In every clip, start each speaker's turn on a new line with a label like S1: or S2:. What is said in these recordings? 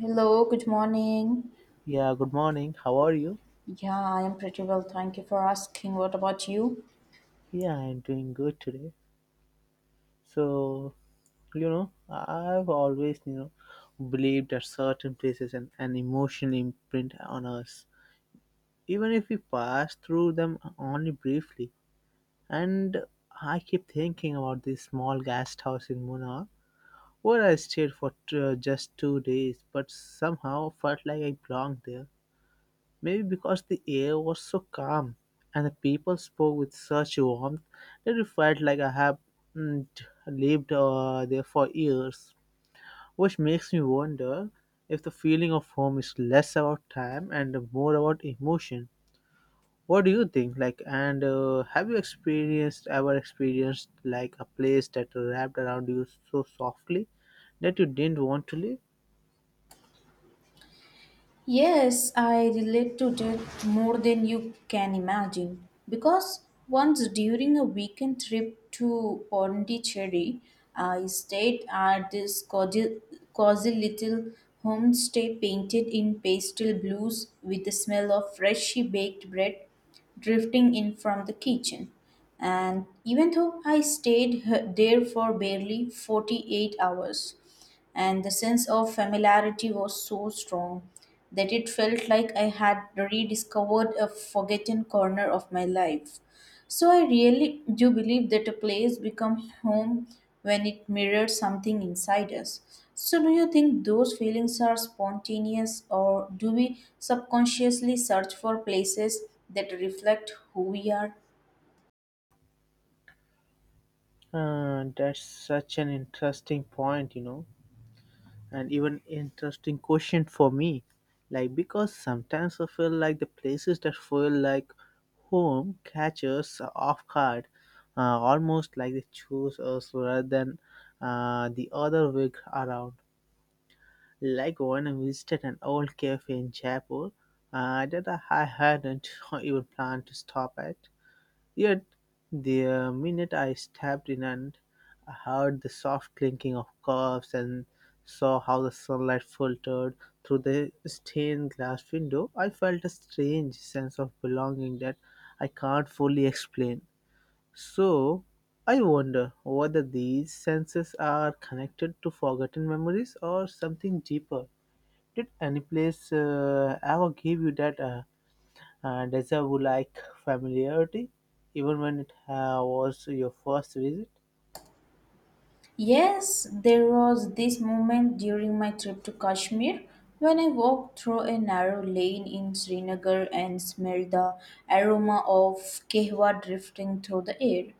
S1: Hello, good morning.
S2: Yeah, good morning. How are you?
S1: Yeah, I am pretty well. Thank you for asking. What about you?
S2: Yeah, I'm doing good today. So, I've always, believed that certain places and an emotional imprint on us, even if we pass through them only briefly. And I keep thinking about this small guest house in Munnar, where I stayed for just 2 days, but somehow felt like I belonged there. Maybe because the air was so calm and the people spoke with such warmth that it felt like I had lived there for years. Which makes me wonder if the feeling of home is less about time and more about emotion. What do you think? Like, and Have you experienced ever experienced like a place that wrapped around you so softly that you didn't want to leave?
S1: Yes, I relate to death more than you can imagine. Because once during a weekend trip to Pondicherry, I stayed at this cozy little homestay painted in pastel blues with the smell of freshly baked bread drifting in from the kitchen. And even though I stayed there for barely 48 hours, and the sense of familiarity was so strong that it felt like I had rediscovered a forgotten corner of my life. So I really do believe that a place becomes home when it mirrors something inside us. So, do you think those feelings are spontaneous, or do we subconsciously search for places that reflect who we are?
S2: That's such an interesting point, and even interesting question for me, like, because sometimes I feel like the places that feel like home catches off guard, almost like they choose us rather than, the other way around. Like when I visited an old cafe in Jaipur, that I hadn't even planned to stop at. Yet, the minute I stepped in and I heard the soft clinking of cups and saw how the sunlight filtered through the stained glass window, I felt a strange sense of belonging that I can't fully explain. So, I wonder whether these senses are connected to forgotten memories or something deeper. Did any place ever give you that? And reservoir like familiarity, even when it was your first visit.
S1: Yes, there was this moment during my trip to Kashmir when I walked through a narrow lane in Srinagar and smelled the aroma of kehwa drifting through the air.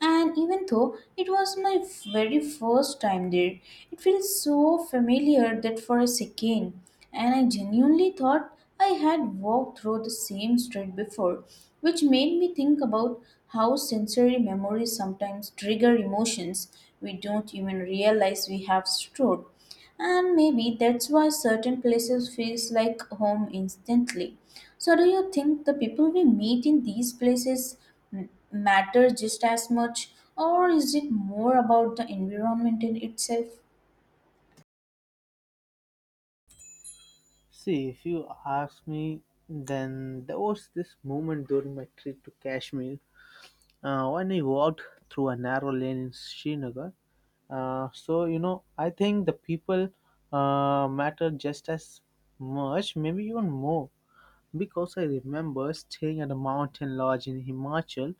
S1: And even though it was my very first time there, it feels so familiar that for a second and I genuinely thought I had walked through the same street before, which made me think about how sensory memories sometimes trigger emotions we don't even realize we have stored. And maybe that's why certain places feels like home instantly. So, do you think the people we meet in these places matter just as much, or is it more about the environment in itself?
S2: See, if you ask me, then there was this moment during my trip to Kashmir, when I walked through a narrow lane in Srinagar. I think the people, matter just as much, maybe even more. Because I remember staying at a mountain lodge in Himachal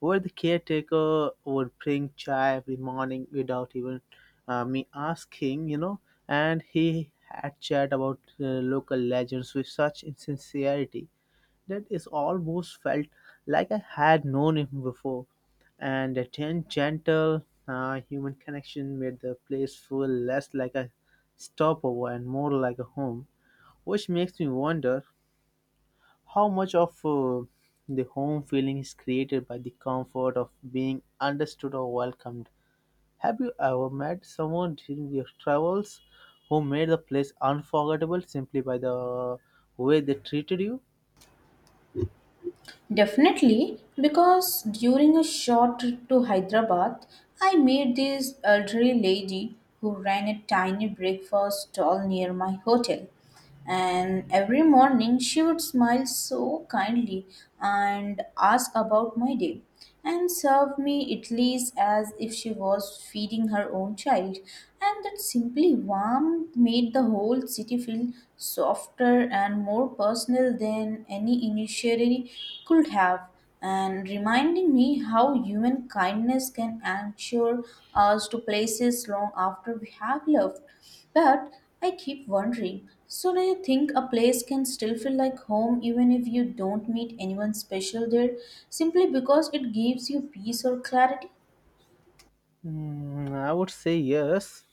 S2: where the caretaker would bring chai every morning without even, me asking, you know, and he had chat about local legends with such insincerity that it almost felt like I had known him before. And a gentle human connection made the place feel less like a stopover and more like a home, which makes me wonder how much of the home feeling is created by the comfort of being understood or welcomed? Have you ever met someone during your travels who made the place unforgettable simply by the way they treated you?
S1: Definitely, because during a short trip to Hyderabad, I met this elderly lady who ran a tiny breakfast stall near my hotel. And every morning she would smile so kindly and ask about my day and served me Italy's as if she was feeding her own child. And that simply warmth made the whole city feel softer and more personal than any initiatory could have, and reminding me how human kindness can anchor us to places long after we have left. But I keep wondering. So, do you think a place can still feel like home even if you don't meet anyone special there, simply because it gives you peace or clarity?
S2: Mm, I would say yes,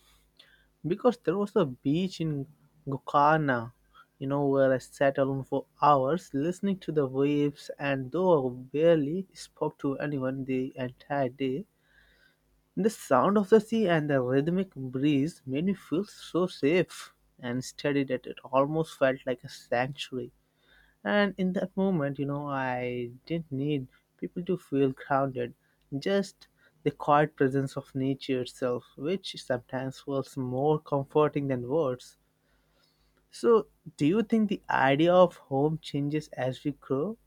S2: because there was a beach in Gokana, you know, where I sat alone for hours listening to the waves, and though I barely spoke to anyone the entire day, the sound of the sea and the rhythmic breeze made me feel so safe and steady that it almost felt like a sanctuary. And in that moment, you know, I didn't need people to feel grounded, just the quiet presence of nature itself, which sometimes was more comforting than words. So, do you think the idea of home changes as we grow,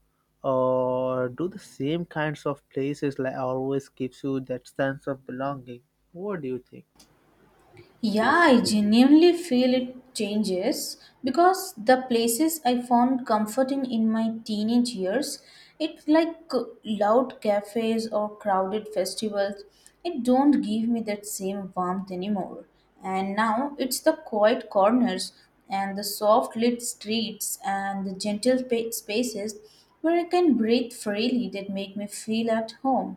S2: or do the same kinds of places like always gives you that sense of belonging? What do you think?
S1: Yeah, I genuinely feel it changes because the places I found comforting in my teenage years, it like loud cafes or crowded festivals, it don't give me that same warmth anymore. And now it's the quiet corners and the soft lit streets and the gentle spaces where I can breathe freely that make me feel at home.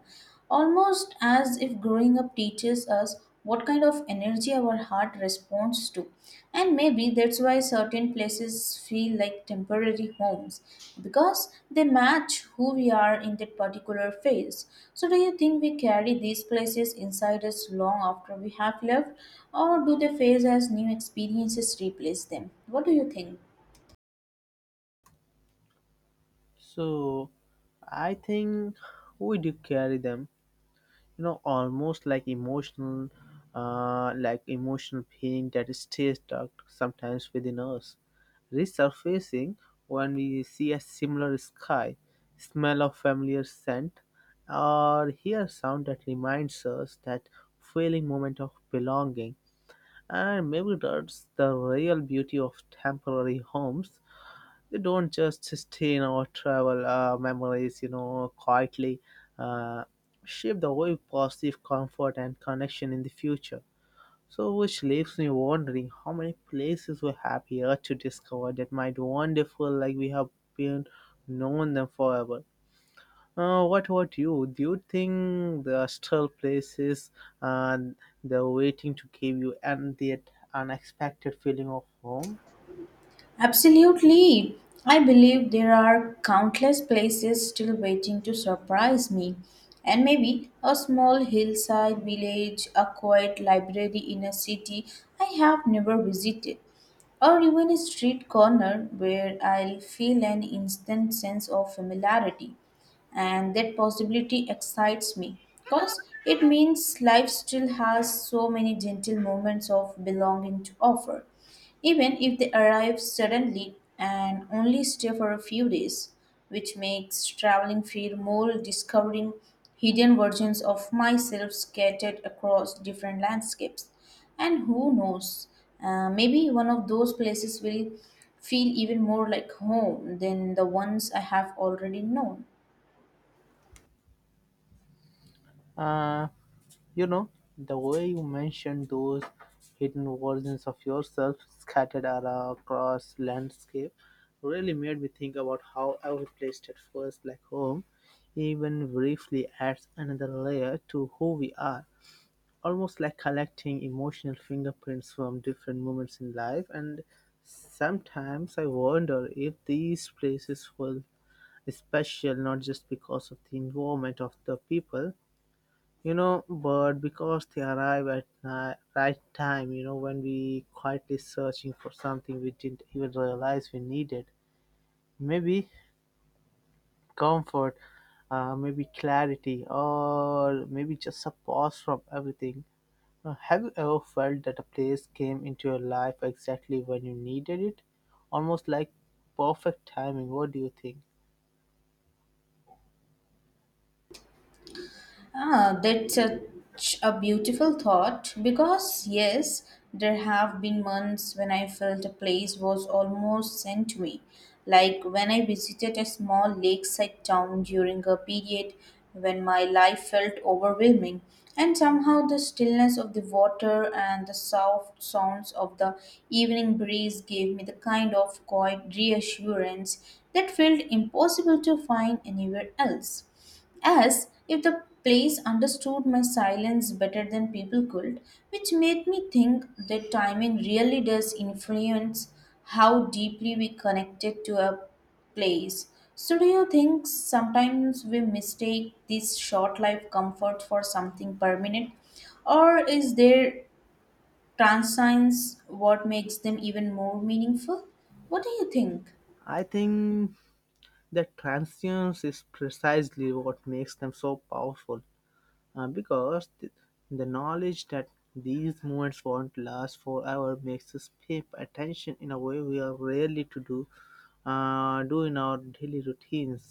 S1: Almost as if growing up teaches us what kind of energy our heart responds to. And maybe that's why certain places feel like temporary homes, because they match who we are in that particular phase. So, do you think we carry these places inside us long after we have left? Or do they phase as new experiences replace them? What do you think?
S2: So, I think we do carry them, you know, almost like emotional, like emotional pain that stays stuck sometimes within us, resurfacing when we see a similar sky, smell of familiar scent, or hear a sound that reminds us that feeling moment of belonging. And maybe that's the real beauty of temporary homes. They don't just sustain or travel memories, you know, quietly uh, shape the way positive comfort and connection in the future. So, which leaves me wondering how many places we have here to discover that might one day feel like we have been known them forever. What about you? Do you think the still places and they're waiting to give you and the unexpected feeling of home?
S1: Absolutely. I believe there are countless places still waiting to surprise me. And maybe a small hillside village, a quiet library in a city I have never visited, or even a street corner where I'll feel an instant sense of familiarity. And that possibility excites me because it means life still has so many gentle moments of belonging to offer, even if they arrive suddenly and only stay for a few days, which makes traveling feel more discovering hidden versions of myself scattered across different landscapes. And who knows, maybe one of those places will feel even more like home than the ones I have already known.
S2: Uh, You know, the way you mentioned those hidden versions of yourself scattered across landscape really made me think about how every place that feels like home, even briefly, adds another layer to who we are. Almost like collecting emotional fingerprints from different moments in life, and sometimes I wonder if these places feel special not just because of the environment of the people, you know, but because they arrive at right time, you know, when we quietly searching for something we didn't even realize we needed. Maybe comfort, maybe clarity, or maybe just a pause from everything. Have you ever felt that a place came into your life exactly when you needed it, almost like perfect timing? What do you think?
S1: Ah, that's such a beautiful thought because, yes, there have been months when I felt a place was almost sent to me. Like when I visited a small lakeside town during a period when my life felt overwhelming, and somehow the stillness of the water and the soft sounds of the evening breeze gave me the kind of quiet reassurance that felt impossible to find anywhere else, as if the place understood my silence better than people could, which made me think that timing really does influence how deeply we connected to a place. So, do you think sometimes we mistake this short life comfort for something permanent, or is their transience what makes them even more meaningful? What do you think?
S2: I think that transience is precisely what makes them so powerful. Because the knowledge that these moments won't last forever makes us pay attention in a way we are rarely to do in our daily routines.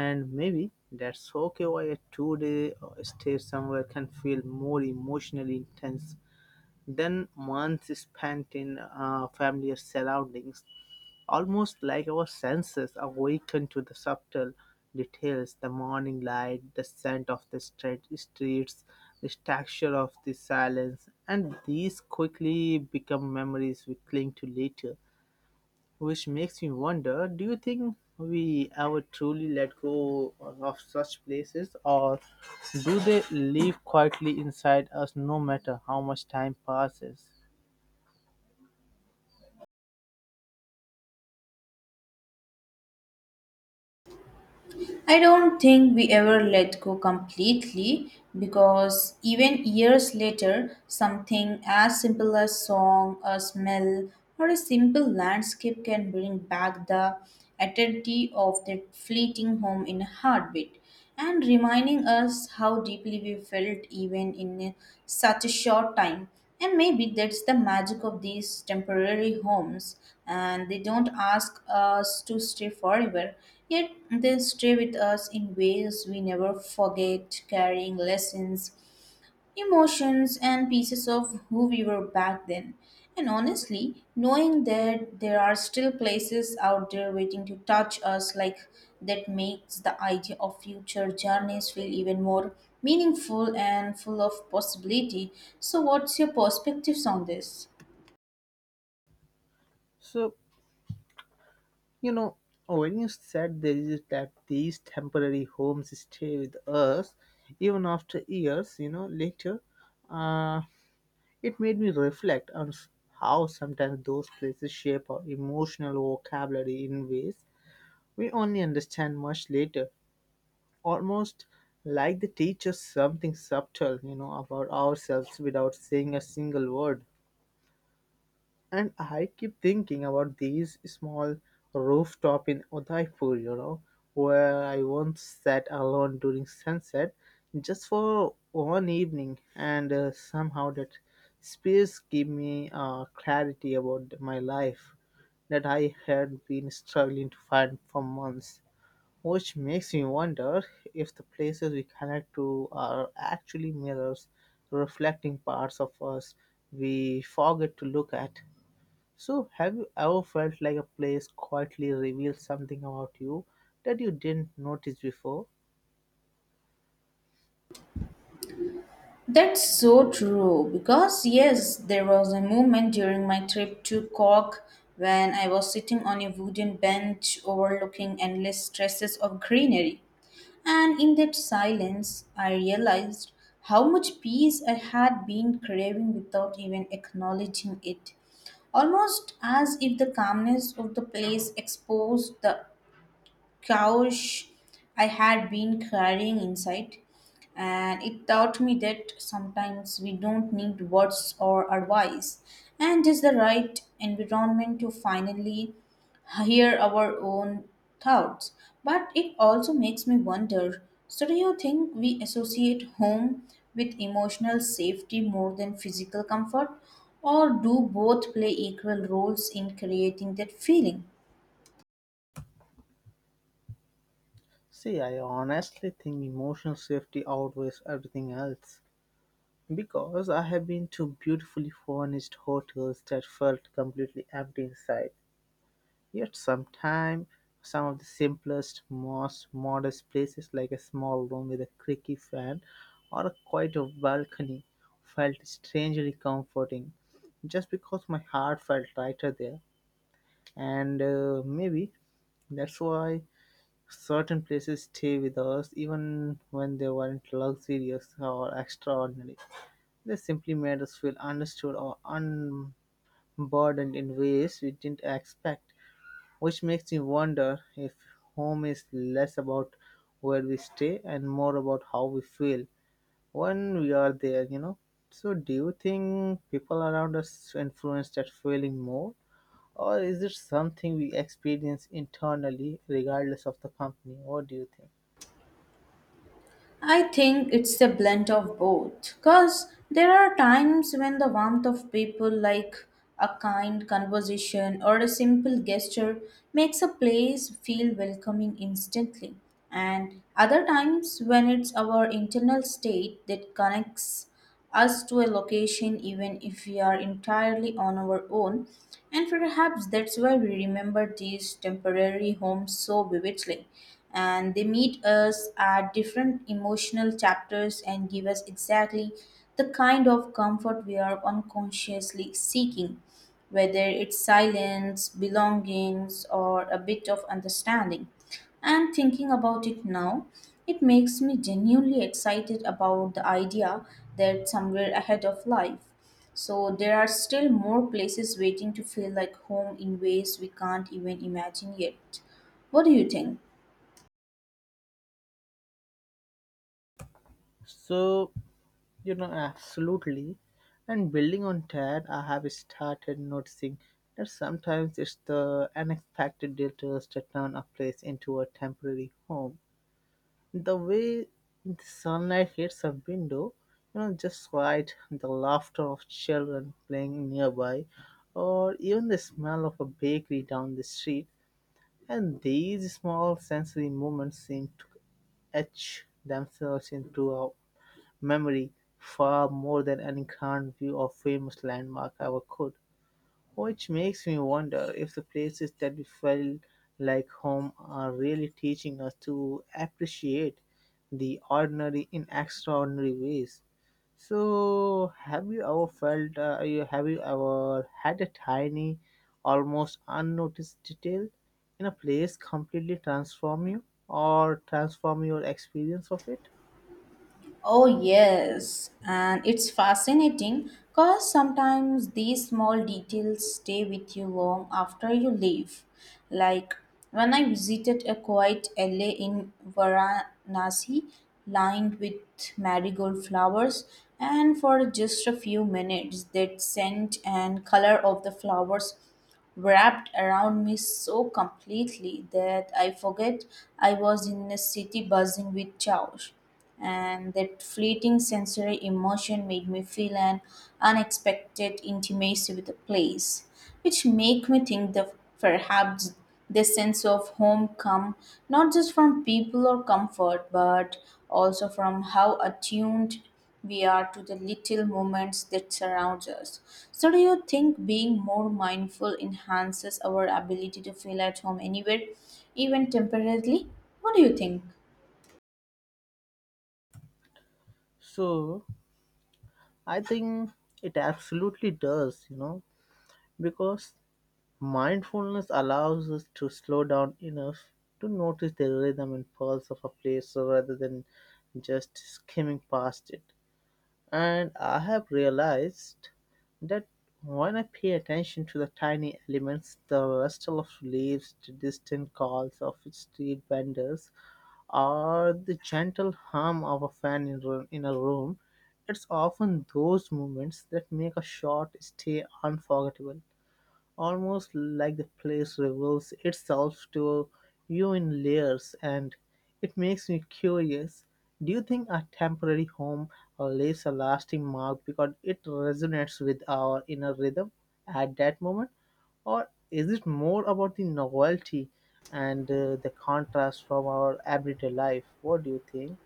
S2: And maybe that's okay why a two-day stay somewhere can feel more emotionally intense then months spent in familiar surroundings, almost like our senses awaken to the subtle details, the morning light, the scent of the streets, the texture of the silence, and these quickly become memories we cling to later. Which makes me wonder, do you think we ever truly let go of such places, or do they live quietly inside us no matter how much time passes?
S1: I don't think we ever let go completely, because even years later, something as simple as song, a smell, or a simple landscape can bring back the eternity of that fleeting home in a heartbeat and reminding us how deeply we felt even in such a short time. And maybe that's the magic of these temporary homes, and they don't ask us to stay forever, yet they stay with us in ways we never forget, carrying lessons emotions and pieces of who we were back then. And honestly, knowing that there are still places out there waiting to touch us like that makes the idea of future journeys feel even more meaningful and full of possibility. So, what's your perspectives on this?
S2: So, you know, when you said there is that these temporary homes stay with us even after years, you know, later, uh, it made me reflect on how sometimes those places shape our emotional vocabulary in ways we only understand much later, almost like they teach us something subtle, you know, about ourselves without saying a single word. And I keep thinking about these small rooftop in Udaipur, you know, where I once sat alone during sunset just for one evening, and somehow that space gave me clarity about my life that I had been struggling to find for months. Which makes me wonder if the places we connect to are actually mirrors reflecting parts of us we forget to look at. So, have you ever felt like a place quietly revealed something about you that you didn't notice before?
S1: That's so true because, yes, there was a moment during my trip to Cork when I was sitting on a wooden bench overlooking endless stretches of greenery. And in that silence, I realized how much peace I had been craving without even acknowledging it. Almost as if the calmness of the place exposed the couch I had been carrying inside. And it taught me that sometimes we don't need words or advice, and just the right environment to finally hear our own thoughts. But it also makes me wonder, so, do you think we associate home with emotional safety more than physical comfort, or do both play equal roles in creating that feeling?
S2: See, I honestly think emotional safety outweighs everything else. Because I have been to beautifully furnished hotels that felt completely empty inside, yet sometimes some of the simplest, most modest places like a small room with a creaky fan or a quiet balcony felt strangely comforting just because my heart felt lighter there. And maybe that's why certain places stay with us even when they weren't luxurious or extraordinary. They simply made us feel understood or unburdened in ways we didn't expect, which makes me wonder if home is less about where we stay and more about how we feel when we are there, you know. So, do you think people around us influence that feeling more, or is it something we experience internally regardless of the company? What do you think?
S1: I think it's a blend of both, because there are times when the warmth of people, like a kind conversation or a simple gesture, makes a place feel welcoming instantly, and other times when it's our internal state that connects us to a location even if we are entirely on our own, and perhaps that's why we remember these temporary homes so vividly. And they meet us at different emotional chapters and give us exactly the kind of comfort we are unconsciously seeking, whether it's silence, belongings, or a bit of understanding. And thinking about it now, it makes me genuinely excited about the idea that somewhere ahead of life. So, there are still more places waiting to feel like home in ways we can't even imagine yet. What do you think?
S2: So, you know, absolutely. And building on that, I have started noticing that sometimes it's the unexpected details that turn a place into a temporary home. The way the sunlight hits a window, you know, just right, the laughter of children playing nearby, or even the smell of a bakery down the street, and these small sensory moments seem to etch themselves into our memory far more than any grand view or famous landmark ever could. Which makes me wonder if the places that we felt like home are really teaching us to appreciate the ordinary in extraordinary ways. So, have you ever felt, have you ever had a tiny, almost unnoticed detail in a place completely transform you or transform your experience of it?
S1: Oh, yes. And it's fascinating because sometimes these small details stay with you long after you leave. Like when I visited a quiet alley in Varanasi lined with marigold flowers, and for just a few minutes, that scent and color of the flowers wrapped around me so completely that I forget I was in a city buzzing with chaos, and that fleeting sensory emotion made me feel an unexpected intimacy with the place, which make me think that perhaps this sense of home come not just from people or comfort, but also from how attuned we are to the little moments that surrounds us. So, do you think being more mindful enhances our ability to feel at home anywhere, even temporarily? What do you think?
S2: So, I think it absolutely does, you know, because mindfulness allows us to slow down enough to notice the rhythm and pulse of a place rather than just skimming past it. And I have realized that when I pay attention to the tiny elements, the rustle of leaves, the distant calls of street vendors, or the gentle hum of a fan in, in a room, it's often those moments that make a short stay unforgettable. Almost like the place reveals itself to you in layers, and it makes me curious. Do you think a temporary home leaves a lasting mark because it resonates with our inner rhythm at that moment? Or is it more about the novelty and the contrast from our everyday life? What do you think?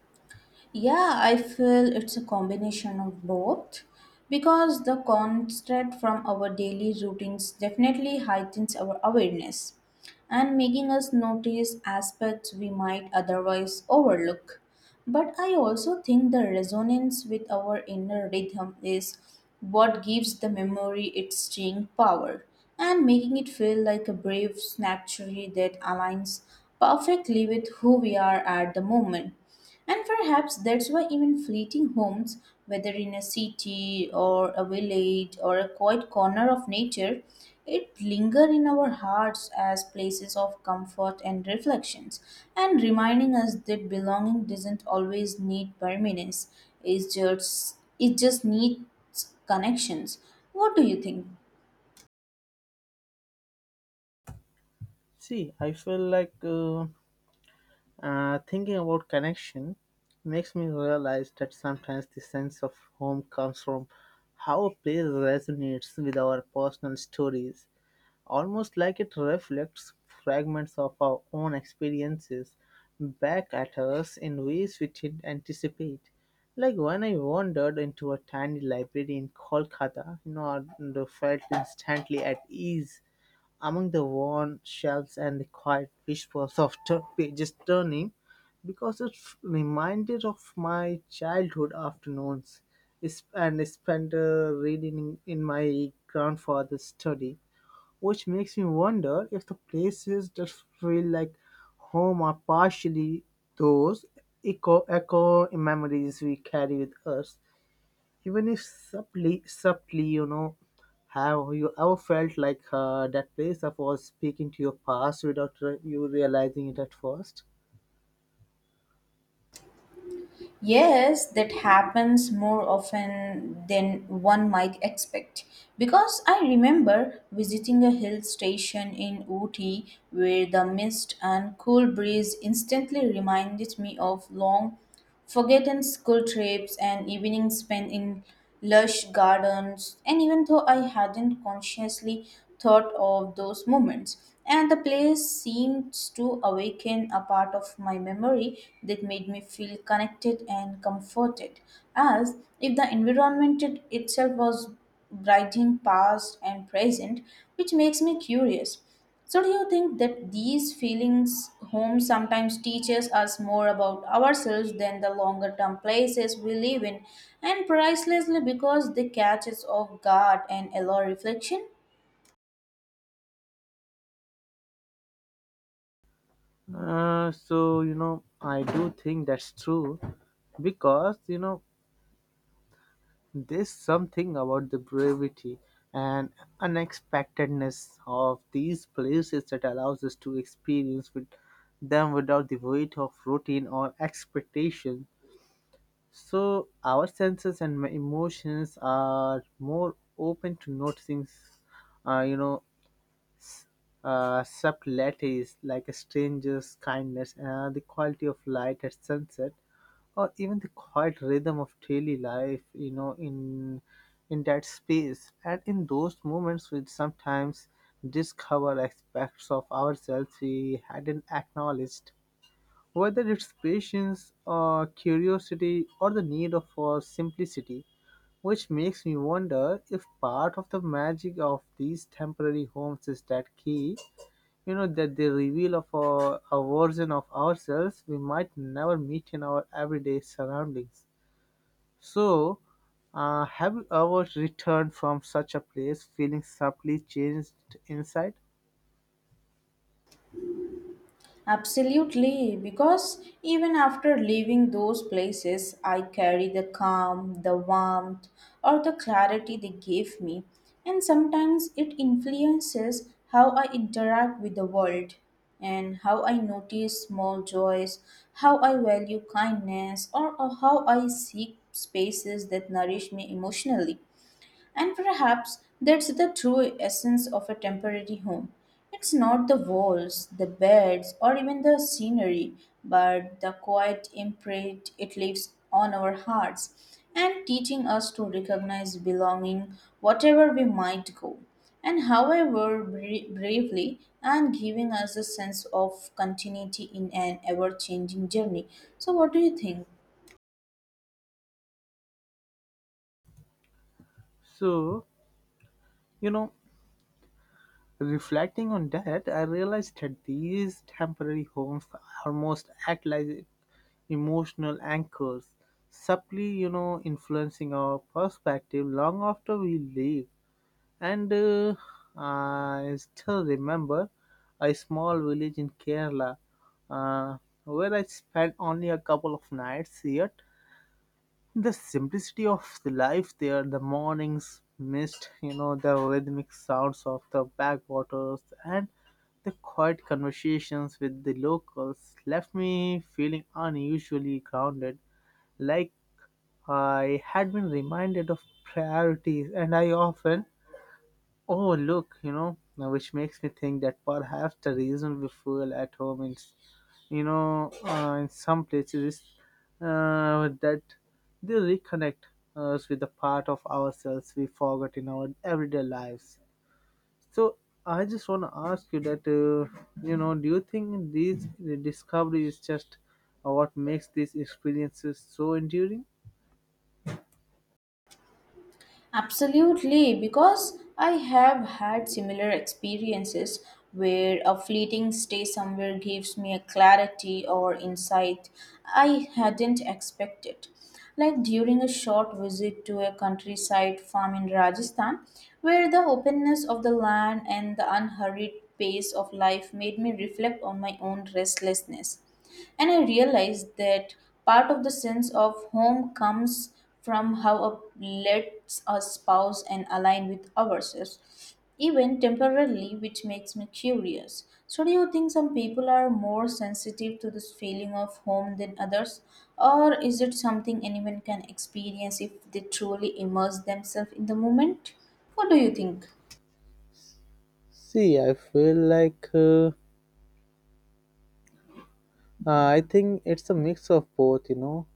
S1: Yeah, I feel it's a combination of both, because the constraint from our daily routines definitely heightens our awareness and making us notice aspects we might otherwise overlook. But I also think the resonance with our inner rhythm is what gives the memory its staying power and making it feel like a brave snatchery that aligns perfectly with who we are at the moment. And perhaps that's why even fleeting homes, whether in a city or a village or a quiet corner of nature, it linger in our hearts as places of comfort and reflections, and reminding us that belonging doesn't always need permanence. It just needs connections. What do you think?
S2: See, I feel like. Thinking about connection makes me realize that sometimes the sense of home comes from how a place resonates with our personal stories, almost like it reflects fragments of our own experiences back at us in ways we didn't anticipate. Like when I wandered into a tiny library in Kolkata, you know, and felt instantly at ease among the worn shelves and the quiet whispers of pages turning because it reminded of my childhood afternoons and spent reading in my grandfather's study, which makes me wonder if the places that feel like home are partially those echo memories we carry with us even if subtly. Have you ever felt like that place of was speaking to your past without you realizing it at first?
S1: Yes, that happens more often than one might expect. Because I remember visiting a hill station in Ooty where the mist and cool breeze instantly reminded me of long forgotten school trips and evenings spent in lush gardens, and even though I hadn't consciously thought of those moments, and the place seems to awaken a part of my memory that made me feel connected and comforted, as if the environment itself was brighting past and present, which makes me curious. So, do you think that these feelings home sometimes teaches us more about ourselves than the longer term places we live in, and pricelessly because they catch us off guard and allow reflection?
S2: So I do think that's true because you know, there's something about the brevity and unexpectedness of these places that allows us to experience with them without the weight of routine or expectation. So our senses and emotions are more open to noticing, uh, you know, subtleties like a stranger's kindness, the quality of light at sunset, or even the quiet rhythm of daily life. You know, in that space, and in those moments, we sometimes discover aspects of ourselves we hadn't acknowledged, whether it's patience, curiosity, or the need of simplicity, which makes me wonder if part of the magic of these temporary homes is that key, you know, that they reveal of a version of ourselves we might never meet in our everyday surroundings. So, have you ever returned from such a place feeling subtly changed inside?
S1: Absolutely, because even after leaving those places, I carry the calm, the warmth, or the clarity they gave me, and sometimes it influences how I interact with the world and how I notice small joys, how I value kindness, or how I seek spaces that nourish me emotionally. And perhaps that's the true essence of a temporary home. It's not the walls, the beds, or even the scenery, but the quiet imprint it leaves on our hearts and teaching us to recognize belonging whatever we might go, and however bravely, and giving us a sense of continuity in an ever changing journey. So, what do you think?
S2: So, you know, Reflecting on that, I realized that these temporary homes almost act like emotional anchors, subtly, you know, influencing our perspective long after we leave. And I still remember a small village in Kerala uh, where I spent only a couple of nights, yet the simplicity of the life there, the morning's mist, you know, the rhythmic sounds of the backwaters, and the quiet conversations with the locals left me feeling unusually grounded, like I had been reminded of priorities, and I often Oh, look, you know, now which makes me think that perhaps the reason we fuel at home in, you know, in some places is that they reconnect us with the part of ourselves we forgot in our everyday lives. So I just want to ask you that, do you think these the discovery is just what makes these experiences so enduring?
S1: Absolutely, because I have had similar experiences where a fleeting stay somewhere gives me a clarity or insight I hadn't expected. Like during a short visit to a countryside farm in Rajasthan, where the openness of the land and the unhurried pace of life made me reflect on my own restlessness. And I realized that part of the sense of home comes from how a lets us pause and align with ourselves, even temporarily, which makes me curious. So, do you think some people are more sensitive to this feeling of home than others, or is it something anyone can experience if they truly immerse themselves in the moment? What do you think?
S2: See, I feel like I think it's a mix of both, you know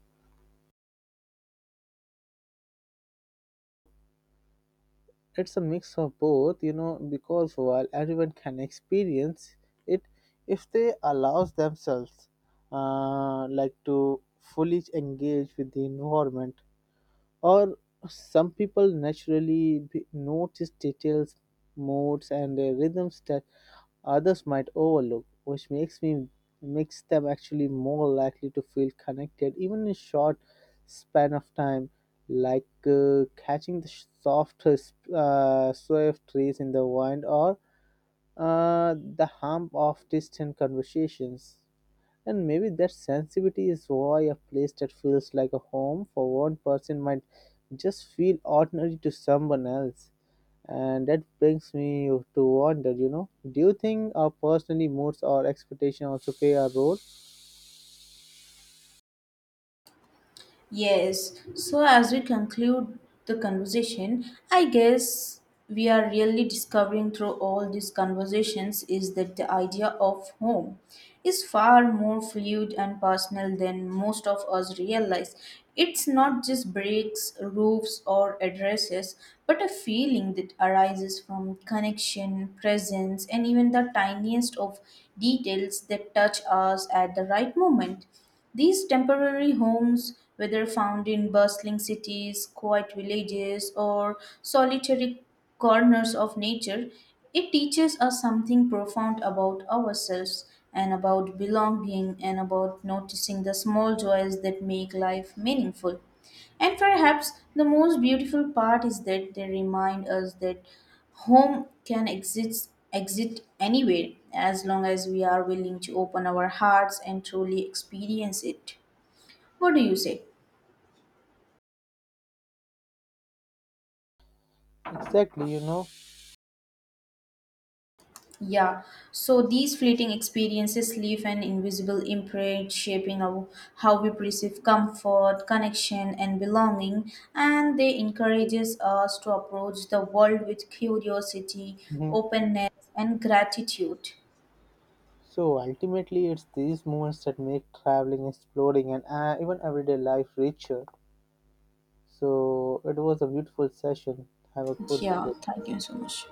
S2: It's a mix of both, you know, because while everyone can experience it if they allows themselves like to fully engage with the environment, or some people naturally notice details modes and rhythms that others might overlook, which makes them actually more likely to feel connected even in short span of time, like catching the soft sway of trees in the wind, or the hum of distant conversations. And maybe that sensitivity is why a place that feels like a home for one person might just feel ordinary to someone else. And that brings me to wonder, you know, do you think our personally moods or expectation also play a role?
S1: Yes. So, as we conclude the conversation, I guess we are really discovering through all these conversations is that the idea of home is far more fluid and personal than most of us realize. It's not just bricks, roofs, or addresses, but a feeling that arises from connection, presence, and even the tiniest of details that touch us at the right moment. These temporary homes, whether found in bustling cities, quiet villages, or solitary corners of nature, it teaches us something profound about ourselves and about belonging and about noticing the small joys that make life meaningful. And perhaps the most beautiful part is that they remind us that home can exist anywhere as long as we are willing to open our hearts and truly experience it. What do you say?
S2: Exactly, you know.
S1: Yeah. So, these fleeting experiences leave an invisible imprint, shaping our, how we perceive comfort, connection, and belonging, and they encourages us to approach the world with curiosity,
S2: Hmm.
S1: openness, and gratitude.
S2: So ultimately, it's these moments that make traveling, exploring, and even everyday life richer. So it was a beautiful session. Have a good
S1: Yeah.
S2: day.
S1: Thank you so much.